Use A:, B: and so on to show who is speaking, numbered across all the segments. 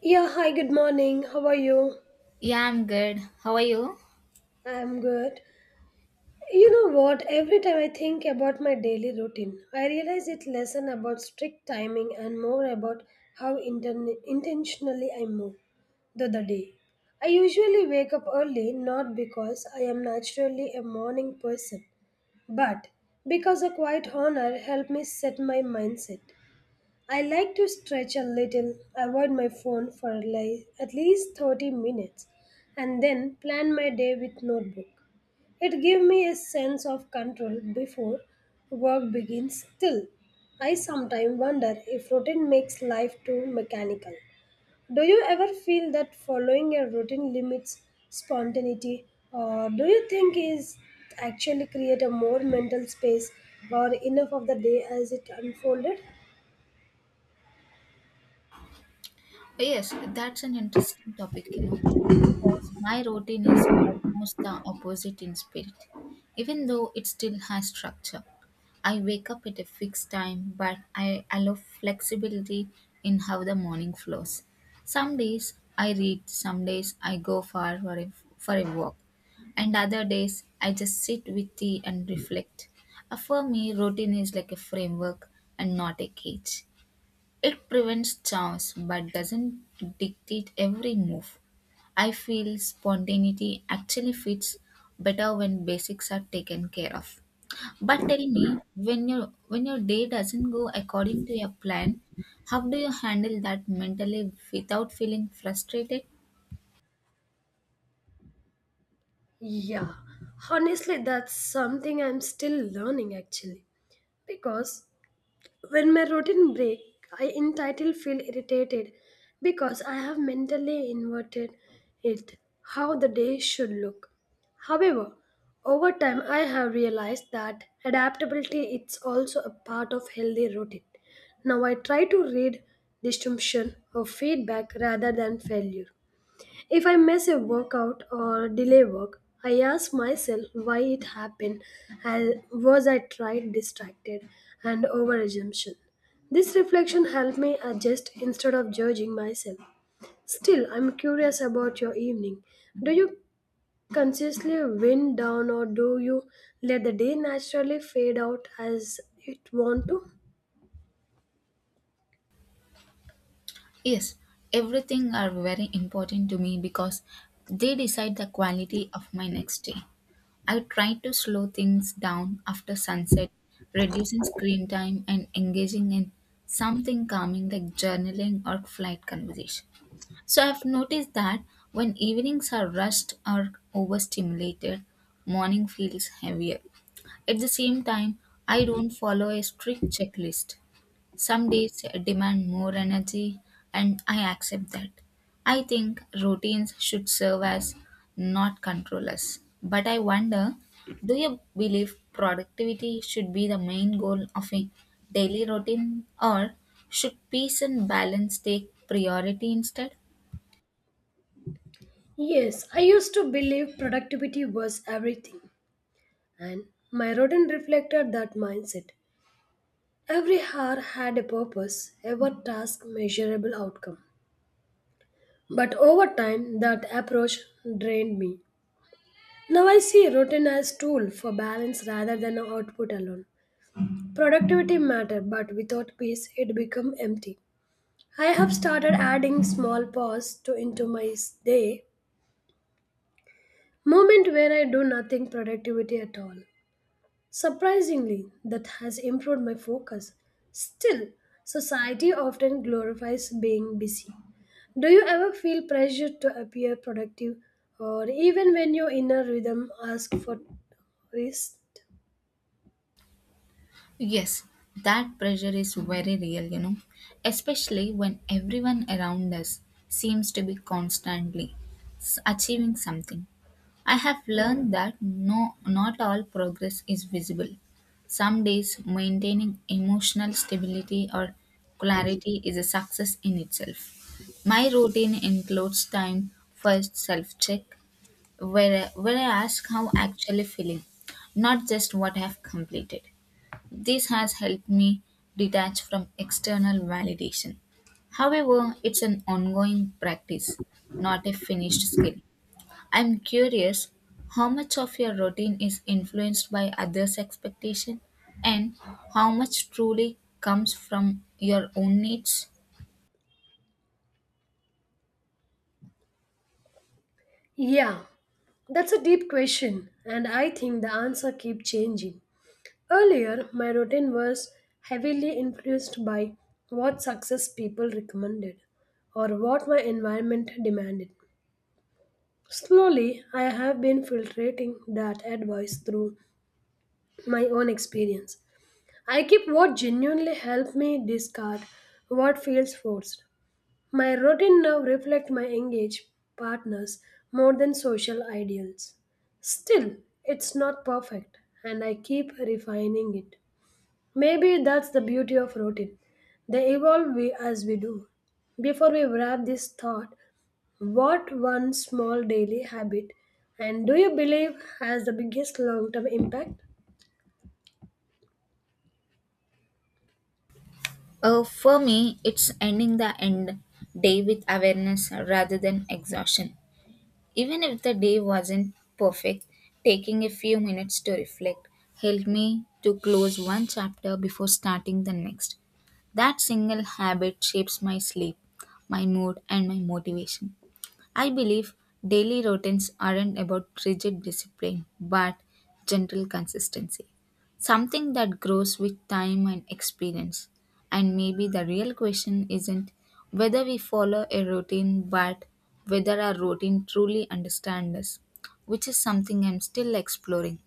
A: Yeah, hi, good morning. How are you?
B: Yeah, I'm good. How are you?
A: I'm good. You know what? Every time I think about my daily routine, I realize it's less about strict timing and more about how intentionally I move through the day. I usually wake up early not because I am naturally a morning person, but because a quiet honor helped me set my mindset. I like to stretch a little, avoid my phone for at least 30 minutes, and then plan my day with notebook. It gives me a sense of control before work begins. Still, I sometimes wonder if routine makes life too mechanical. Do you ever feel that following a routine limits spontaneity, or do you think is actually create a more mental space or enough of the day as it unfolded?
B: Oh, Yes, that's an interesting topic, because my routine is almost the opposite in spirit, even though it still has structure. I wake up at a fixed time, but I allow flexibility in how the morning flows. Some days I read, some days I go far for a walk, and other days I just sit with tea and reflect. For me, routine is like a framework and not a cage. It prevents chance but doesn't dictate every move. I feel spontaneity actually fits better when basics are taken care of. But tell me, when your day doesn't go according to your plan, how do you handle that mentally without feeling frustrated?
A: Yeah, honestly, that's something I'm still learning actually. Because when my routine break, I entitled feel irritated because I have mentally inverted it how the day should look. However, over time I have realized that adaptability is also a part of healthy routine. Now I try to read distinction or feedback rather than failure. If I miss a workout or delay work, I ask myself why it happened and was I tried distracted and over assumption. This reflection helped me adjust instead of judging myself. Still, I'm curious about your evening. Do you consciously wind down or do you let the day naturally fade out as it want to?
B: Yes, everything are very important to me because they decide the quality of my next day. I try to slow things down after sunset, reducing screen time and engaging in something calming like journaling or flight conversation. So I've noticed that when evenings are rushed or overstimulated, morning feels heavier. At the same time, I don't follow a strict checklist. Some days demand more energy, and I accept that. I think routines should serve as not control us. But I wonder, do you believe productivity should be the main goal of a daily routine, or should peace and balance take priority instead?
A: Yes, I used to believe productivity was everything, and my rodent reflected that mindset. Every hour had a purpose, every task measurable outcome. But over time, that approach drained me. Now I see routine as tool for balance rather than output alone. Productivity matter, but without peace, it become empty. I have started adding small pause to into my day, moment where I do nothing productivity at all. Surprisingly, that has improved my focus. Still, society often glorifies being busy. Do you ever feel pressured to appear productive or even when your inner rhythm asks for rest?
B: Yes, that pressure is very real, especially when everyone around us seems to be constantly achieving something. I have learned that no, not all progress is visible. Some days, maintaining emotional stability or clarity is a success in itself. My routine includes time for self check, where I ask how actually feeling, not just what I have completed. This has helped me detach from external validation. However, it's an ongoing practice, not a finished skill. I'm curious how much of your routine is influenced by others' expectation and how much truly comes from your own needs?
A: Yeah, that's a deep question and I think the answer keeps changing. Earlier, my routine was heavily influenced by what success people recommended or what my environment demanded. Slowly, I have been filtrating that advice through my own experience. I keep what genuinely helps me discard what feels forced. My routine now reflects my engaged partners more than social ideals. Still, it's not perfect, and I keep refining it. Maybe that's the beauty of routine. They evolve we, as we do. Before we wrap this thought, what one small daily habit and do you believe has the biggest long term impact?
B: For me, it's ending the end day with awareness rather than exhaustion. Even if the day wasn't perfect, taking a few minutes to reflect helped me to close one chapter before starting the next. That single habit shapes my sleep, my mood, and my motivation. I believe daily routines aren't about rigid discipline but gentle consistency, something that grows with time and experience. And maybe the real question isn't whether we follow a routine but whether our routine truly understands us, which is something I'm still exploring.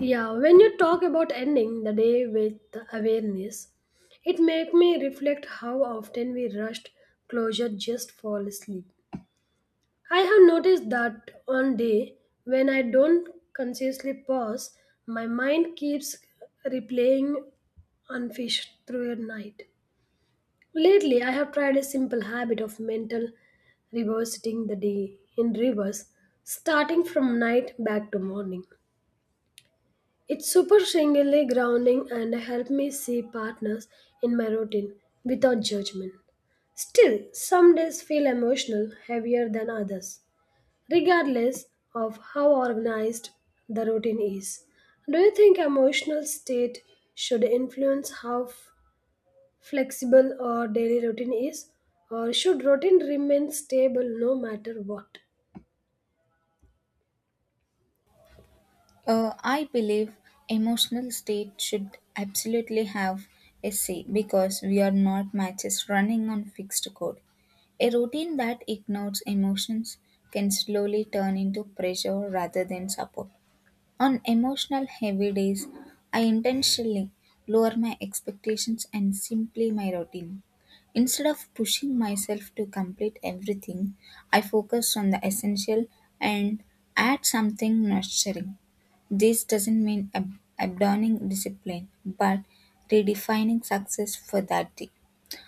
A: Yeah, when you talk about ending the day with awareness, it make me reflect how often we rushed closure just fall asleep. I have noticed that on day when I don't consciously pause, my mind keeps replaying unfish through a night. Lately, I have tried a simple habit of mental reversing the day in reverse, starting from night back to morning. It's superficially grounding and help me see partners in my routine without judgment. Still, some days feel emotional, heavier than others regardless of how organized the routine is. Do you think emotional state should influence how flexible our daily routine is, or should routine remain stable no matter what?
B: I believe emotional state should absolutely have a say because we are not matches running on fixed code. A routine that ignores emotions can slowly turn into pressure rather than support. On emotional heavy days, I intentionally lower my expectations and simply my routine. Instead of pushing myself to complete everything, I focus on the essential and add something nurturing. This doesn't mean abandoning discipline, but redefining success for that day.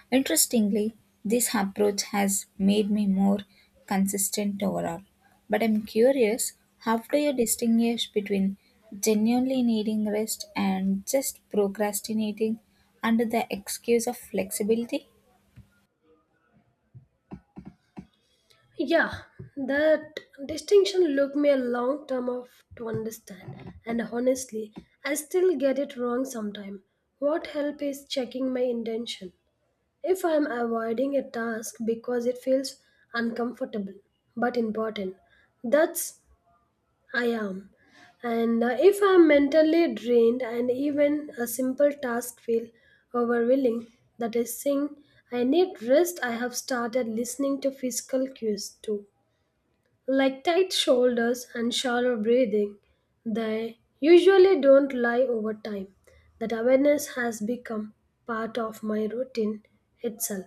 B: Interestingly, this approach has made me more consistent overall. But I'm curious, how do you distinguish between genuinely needing rest and just procrastinating under the excuse of flexibility?
A: Yeah, that distinction took me a long time of to understand, and honestly, I still get it wrong sometimes. What help is checking my intention if I am avoiding a task because it feels uncomfortable but important, that's I am. And If I am mentally drained and even a simple task feel overwhelming, that is saying I need rest. I have started listening to physical cues too like tight shoulders and shallow breathing, they usually don't lie over time. That awareness has become part of my routine itself.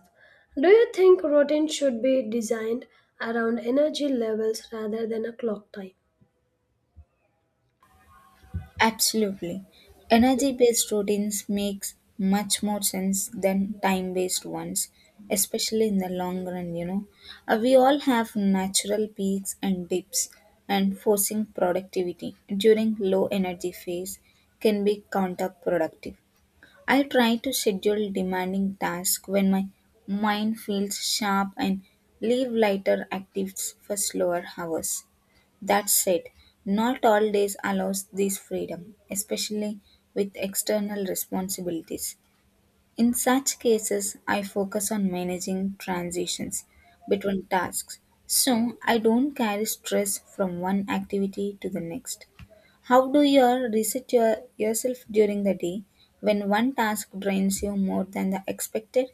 A: Do you think routine should be designed around energy levels rather than a clock time?
B: Absolutely. Energy-based routines makes much more sense than time-based ones, especially in the long run, you know. We all have natural peaks and dips, and forcing productivity during low energy phase can be counterproductive. I try to schedule demanding tasks when my mind feels sharp and leave lighter activities for slower hours. That said, not all days allows this freedom, especially with external responsibilities. In such cases, I focus on managing transitions between tasks, so I don't carry stress from one activity to the next. How do you reset yourself during the day when one task drains you more than the expected?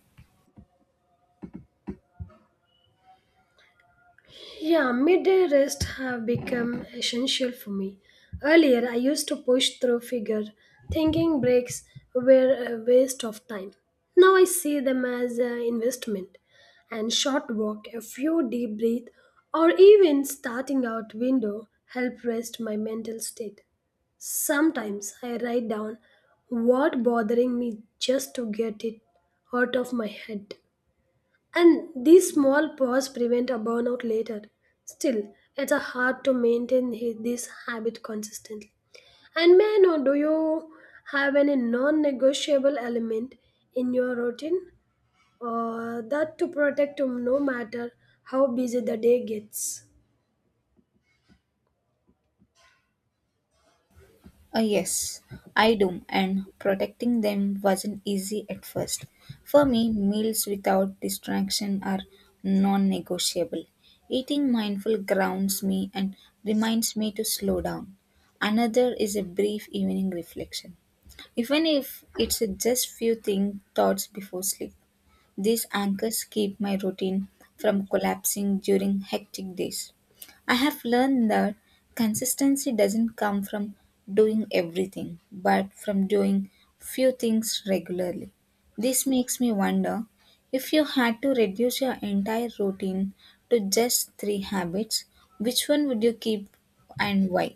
A: Yeah, midday rest have become essential for me. Earlier, I used to push through figure, thinking breaks were a waste of time. Now I see them as an investment. And short walk, a few deep breath, or even starting out window help rest my mental state. Sometimes I write down what bothering me just to get it out of my head. And these small pause prevent a burnout later. Still, it's a hard to maintain this habit consistently. And may I know, do you have any non-negotiable element in your routine? Or that to protect you no matter how busy the day gets?
B: Yes, I do, and protecting them wasn't easy at first. For me, meals without distraction are non negotiable. Eating mindful grounds me and reminds me to slow down. Another is a brief evening reflection, even if it's just few thing thoughts before sleep. These anchors keep my routine from collapsing during hectic days. I have learned that consistency doesn't come from doing everything, but from doing few things regularly. This makes me wonder, if you had to reduce your entire routine to just three habits, which one would you keep and why?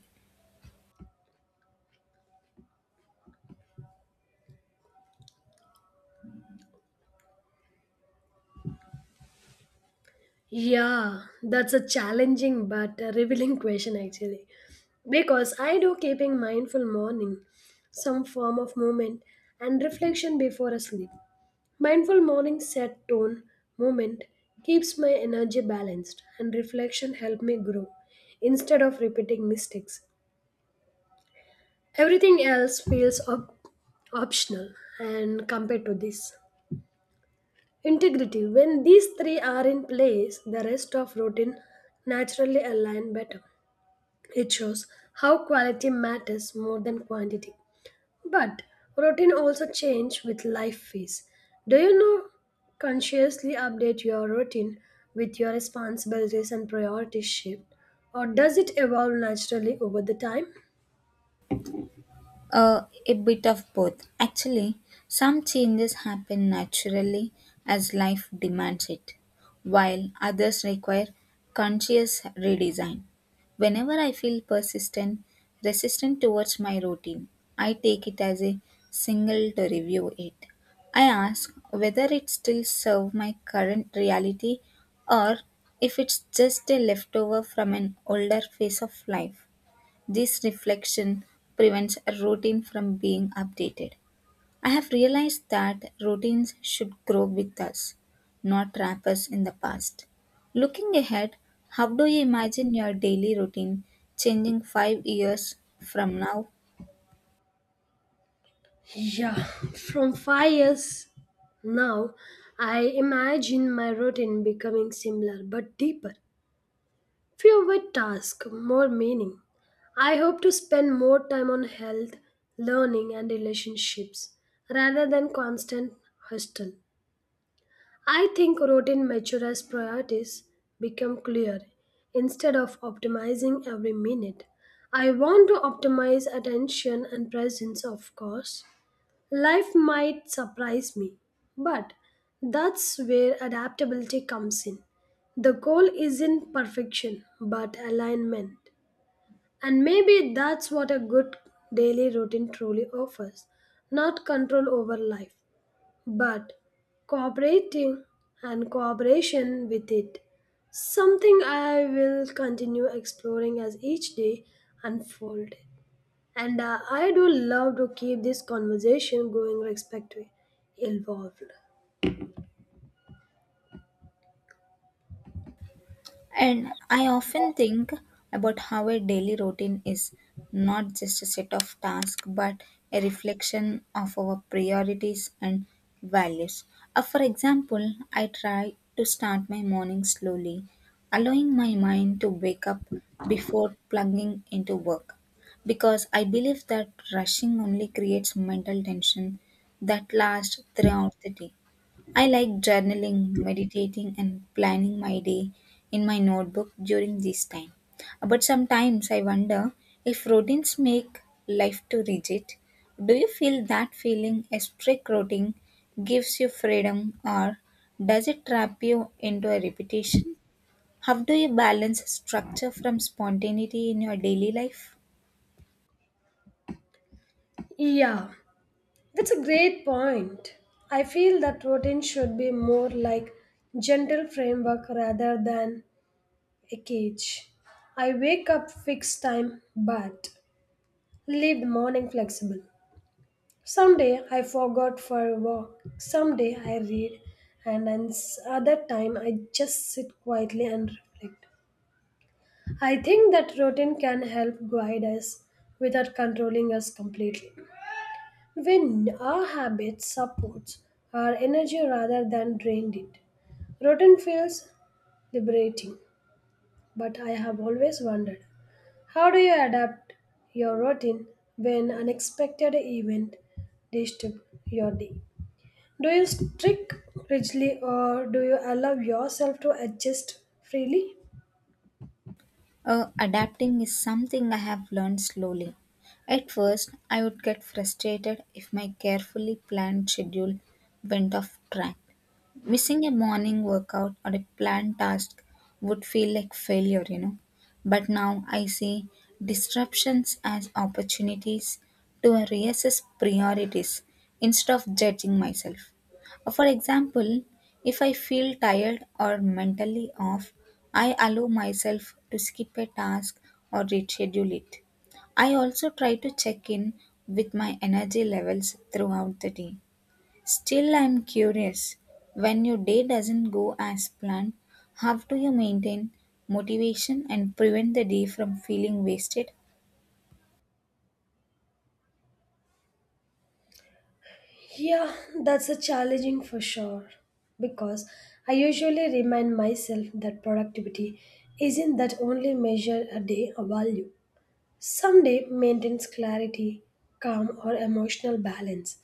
A: Yeah, that's a challenging but a revealing question actually. Because I do keeping mindful morning, some form of movement and reflection before a sleep. Mindful morning set tone movement keeps my energy balanced and reflection help me grow instead of repeating mistakes. Everything else feels optional and compared to this. Integrity. When these three are in place, the rest of routine naturally align better. It shows how quality matters more than quantity. But routine also change with life phase. Do you know consciously update your routine with your responsibilities and priorities shift or does it evolve naturally over the time?
B: A bit of both. Actually, some changes happen naturally as life demands it, while others require conscious redesign. Whenever I feel resistant towards my routine, I take it as a single to review it. I ask whether it still serves my current reality or if it's just a leftover from an older phase of life. This reflection prevents a routine from being updated. I have realized that routines should grow with us, not trap us in the past. Looking ahead, how do you imagine your daily routine changing 5 years from now?
A: Yeah, from 5 years now, I imagine my routine becoming similar but deeper. Fewer tasks, more meaning. I hope to spend more time on health, learning, and relationships rather than constant hustle. I think routine mature as priorities become clear instead of optimizing every minute. I want to optimize attention and presence, of course, life might surprise me, but that's where adaptability comes in. The goal isn't perfection, but alignment. And maybe that's what a good daily routine truly offers not control over life, but cooperating and cooperation with it. Something I will continue exploring as each day unfolds. And I do love to keep this conversation going respectfully involved.
B: And I often think about how a daily routine is not just a set of tasks but a reflection of our priorities and values. For example, I try to start my morning slowly, allowing my mind to wake up before plugging into work because I believe that rushing only creates mental tension that lasts throughout the day. I like journaling, meditating, and planning my day in my notebook during this time. But sometimes I wonder if routines make life too rigid. Do you feel that feeling a strict routine gives you freedom or does it trap you into a repetition? How do you balance structure from spontaneity in your daily life?
A: Yeah, that's a great point. I feel that routine should be more like gentle framework rather than a cage. I wake up fixed time but leave the morning flexible. Someday I forgot for a walk. Someday I read and then other time I just sit quietly and reflect. I think that routine can help guide us without controlling us completely. When our habit supports our energy rather than drained it. Routine feels liberating, but I have always wondered how do you adapt your routine when unexpected event disturb your day? Do you stick rigidly or do you allow yourself to adjust freely?
B: Adapting is something I have learned slowly. At first, I would get frustrated if my carefully planned schedule went off track. Missing a morning workout or a planned task would feel like failure, you know. But now I see disruptions as opportunities to reassess priorities instead of judging myself. For example, if I feel tired or mentally off, I allow myself to skip a task or reschedule it. I also try to check in with my energy levels throughout the day. Still, I'm curious. When your day doesn't go as planned, how do you maintain motivation and prevent the day from feeling wasted?
A: Yeah, that's a challenging for sure. Because I usually remind myself that productivity isn't that only measure a day or value. Someday maintains clarity, calm or emotional balance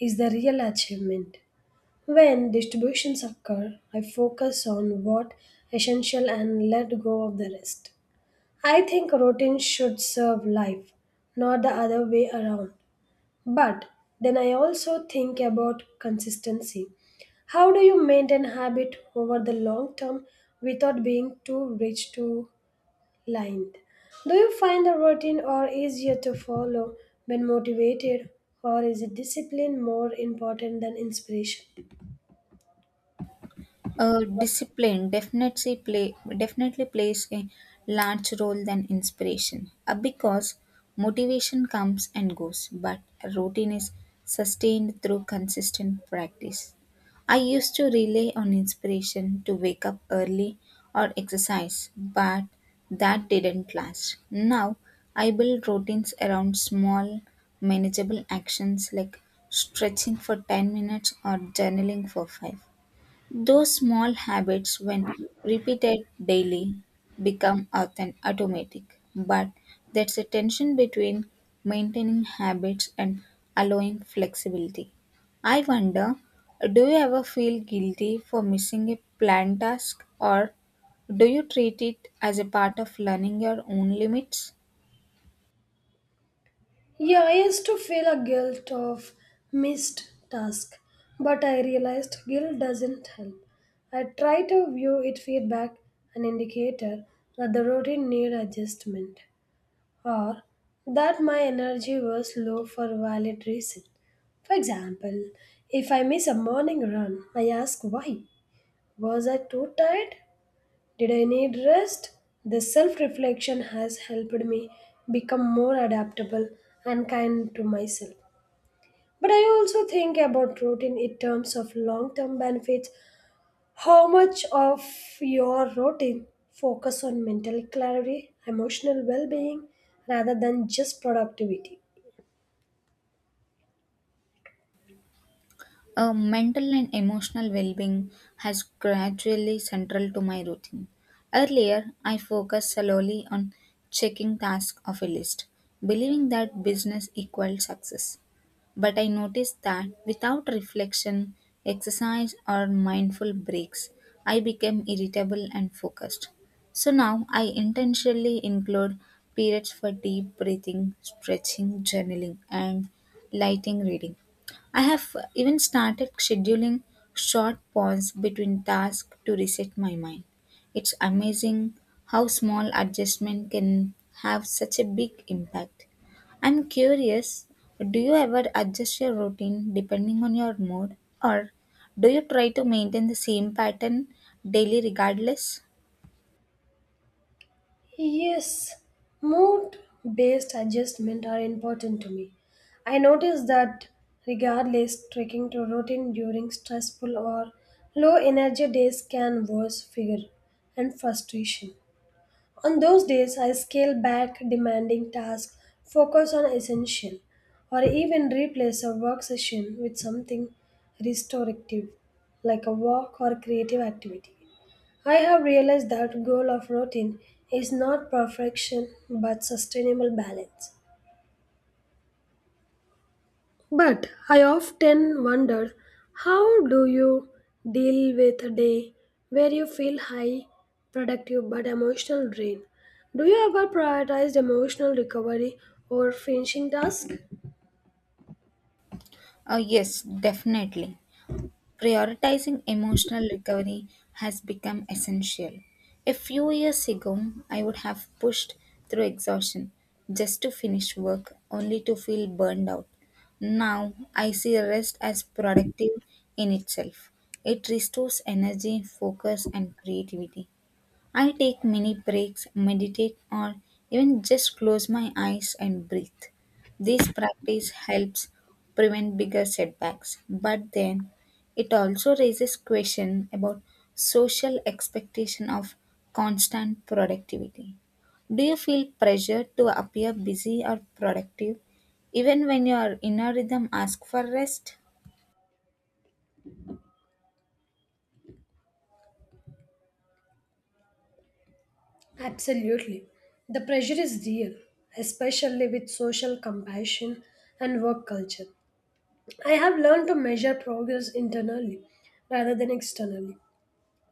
A: is the real achievement. When distributions occur, I focus on what essential and let go of the rest. I think routine should serve life, not the other way around. But then I also think about consistency. How do you maintain habit over the long term without being too rich to lined? Do you find the routine or easier to follow when motivated or is discipline more important than inspiration?
B: Discipline definitely plays a large role than inspiration because motivation comes and goes, but a routine is sustained through consistent practice. I used to rely on inspiration to wake up early or exercise, but that didn't last. Now I build routines around small, manageable actions like stretching for 10 minutes or journaling for 5. Those small habits, when repeated daily, become often automatic. But that's a tension between maintaining habits and allowing flexibility. I wonder, do you ever feel guilty for missing a planned task, or do you treat it as a part of learning your own limits?
A: Yeah, I used to feel a guilt of missed task, but I realized guilt doesn't help. I try to view it feedback, an indicator that the routine need adjustment, or that my energy was low for valid reason. For example, if I miss a morning run, I ask why. Was I too tired? Did I need rest? This self reflection has helped me become more adaptable and kind to myself. But I also think about routine in terms of long term benefits. How much of your routine focus on mental clarity, emotional well being, rather than just productivity?
B: Mental and emotional well being has gradually central to my routine. Earlier, I focused solely on checking tasks of a list, believing that business equaled success. But I noticed that without reflection, exercise, or mindful breaks, I became irritable and focused. So now I intentionally include periods for deep breathing, stretching, journaling, and lighting reading. I have even started scheduling short pause between tasks to reset my mind. It's amazing how small adjustment can have such a big impact. I'm curious, do you ever adjust your routine depending on your mood, or do you try to maintain the same pattern daily regardless?
A: Yes, mood based adjustment are important to me. I notice that regardless sticking to routine during stressful or low energy days can worse fear and frustration. On those days I scale back demanding tasks, focus on essential, or even replace a work session with something restorative like a walk or creative activity. I have realized that goal of routine is not perfection but sustainable balance. But I often wonder how do you deal with a day where you feel high, productive but emotional drain? Do you ever prioritize emotional recovery over finishing tasks?
B: Yes, definitely. Prioritizing emotional recovery has become essential. A few years ago, I would have pushed through exhaustion just to finish work, only to feel burned out. Now, I see rest as productive in itself. It restores energy, focus, and creativity. I take many breaks, meditate, or even just close my eyes and breathe. This practice helps prevent bigger setbacks, but then it also raises question about social expectation of constant productivity. Do you feel pressured to appear busy or productive even when your inner rhythm asks for rest?
A: Absolutely. The pressure is real, especially with social compassion and work culture. I have learned to measure progress internally rather than externally.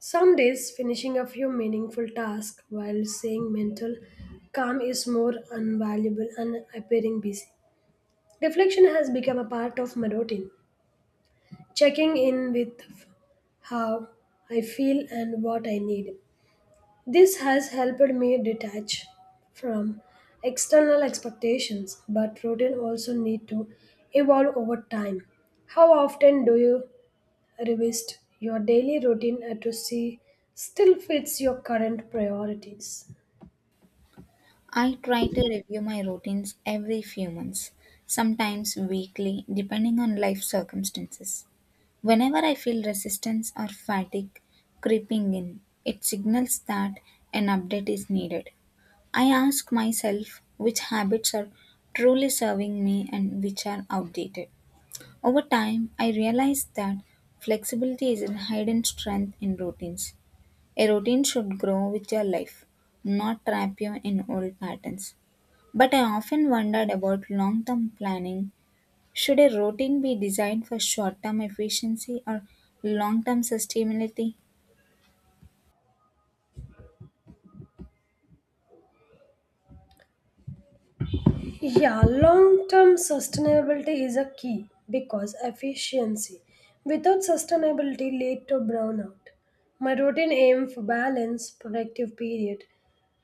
A: Some days, finishing a few meaningful tasks while saying mental calm is more invaluable and appearing busy. Reflection has become a part of my routine, checking in with how I feel and what I need. This has helped me detach from external expectations, but routine also need to evolve over time. How often do you revised your daily routine to see still fits your current priorities.
B: I try to review my routines every few months, sometimes weekly, depending on life circumstances. Whenever I feel resistance or fatigue creeping in, it signals that an update is needed. I ask myself which habits are truly serving me and which are outdated. Over time, I realized that flexibility is a hidden strength in routines. A routine should grow with your life, not trap you in old patterns. But I often wondered about long term planning. Should a routine be designed for short term efficiency or long term sustainability?
A: Yeah, long term sustainability is a key because efficiency without sustainability lead to burnout. My routine aim for balance, productive period,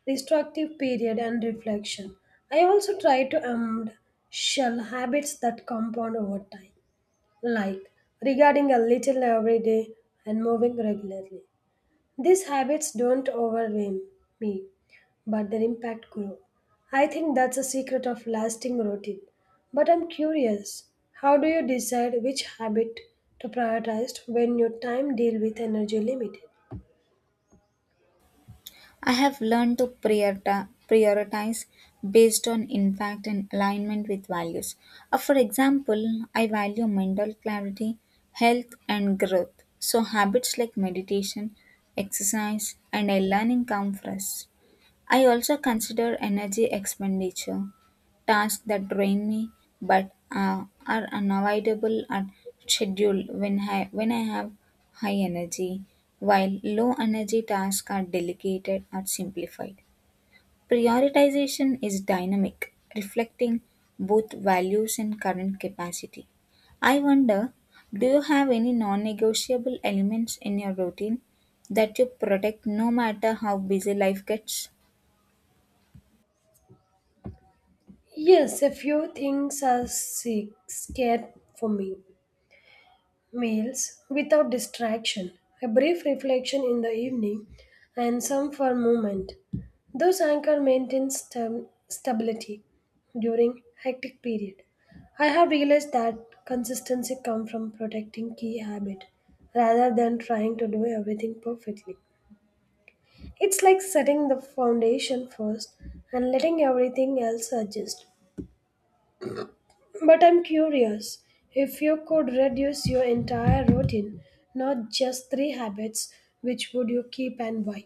A: restorative period and reflection. I also try to amend shell habits that compound over time, like regarding a little every day and moving regularly. These habits don't overwhelm me, but their impact grow. I think that's a secret of lasting routine. But I'm curious, how do you decide which habit to prioritize when your time deal with energy limited?
B: I have learned to prioritize based on impact and alignment with values. For example, I value mental clarity, health, and growth. So, habits like meditation, exercise, and a learning come first. I also consider energy expenditure, tasks that drain me but are unavoidable at schedule when I have high energy, while low energy tasks are delegated or simplified. Prioritization is dynamic, reflecting both values and current capacity. I wonder, do you have any non negotiable elements in your routine that you protect no matter how busy life gets?
A: Yes, a few things are sick, scared for me. Meals without distraction, a brief reflection in the evening, and some for movement. Those anchor maintain stability during hectic period. I have realized that consistency comes from protecting key habit rather than trying to do everything perfectly. It's like setting the foundation first and letting everything else adjust. But I'm curious if you could reduce your entire routine, not just three habits, which would you keep and why?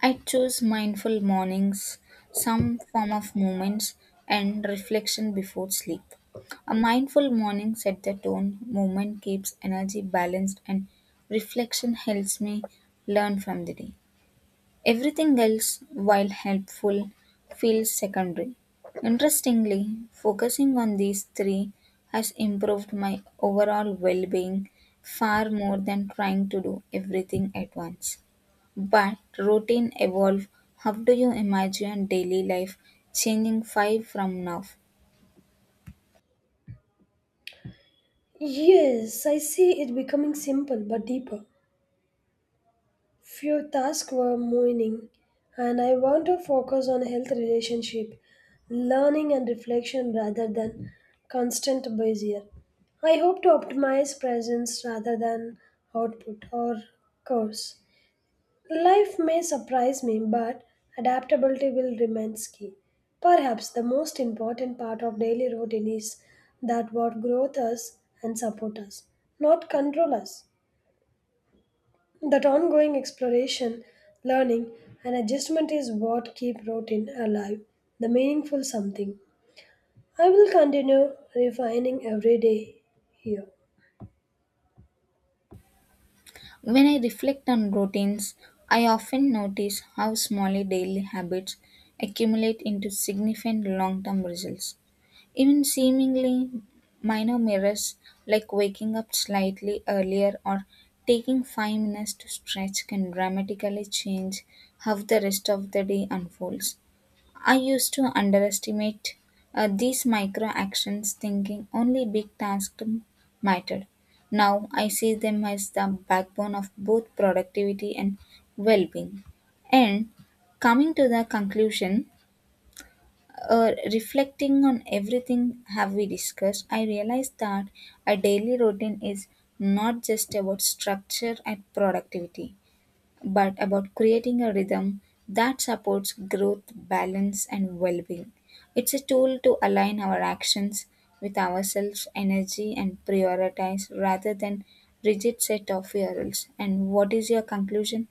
B: I choose mindful mornings, some form of movements, and reflection before sleep. A mindful morning set the tone, movement keeps energy balanced, and reflection helps me learn from the day. Everything else, while helpful, feels secondary. Interestingly, focusing on these three has improved my overall well being far more than trying to do everything at once. But routine evolve. How do you imagine daily life changing five from now?
A: Yes, I see it becoming simple but deeper. Few tasks were moaning, and I want to focus on health relationship, learning and reflection rather than constant busier. I hope to optimize presence rather than output or course. Life may surprise me, but adaptability will remain key. Perhaps the most important part of daily routine is that what growth us and support us, not control us. That ongoing exploration, learning, and adjustment is what keep routine alive, the meaningful something. I will continue refining every day here.
B: When I reflect on routines, I often notice how small daily habits accumulate into significant long term results. Even seemingly minor mirrors, like waking up slightly earlier or taking 5 minutes to stretch, can dramatically change how the rest of the day unfolds. I used to underestimate these micro actions, thinking only big tasks mattered. Now I see them as the backbone of both productivity and well being. And coming to the conclusion, reflecting on everything have we discussed, I realized that a daily routine is not just about structure and productivity, but about creating a rhythm that supports growth, balance, and well-being. It's a tool to align our actions with ourselves, energy, and prioritize rather than rigid set of rules. And what is your conclusion?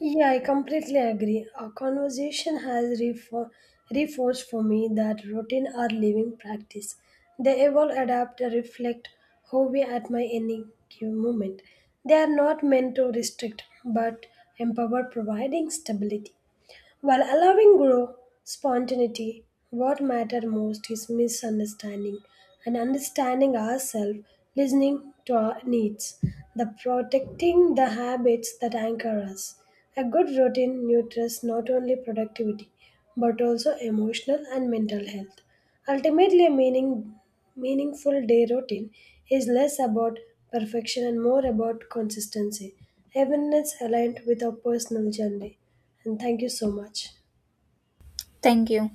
A: Yeah, I completely agree. Our conversation has reinforced for me that routine are living practice. They evolve, adapt, and reflect how we at my any given moment. They are not meant to restrict, but empower, providing stability. While allowing growth, spontaneity, what matters most is misunderstanding and understanding ourselves, listening to our needs, the protecting the habits that anchor us. A good routine nurtures not only productivity but also emotional and mental health. Ultimately, a meaningful day routine is less about perfection and more about consistency. Heaven is aligned with our personal journey. And thank you so much.
B: Thank you.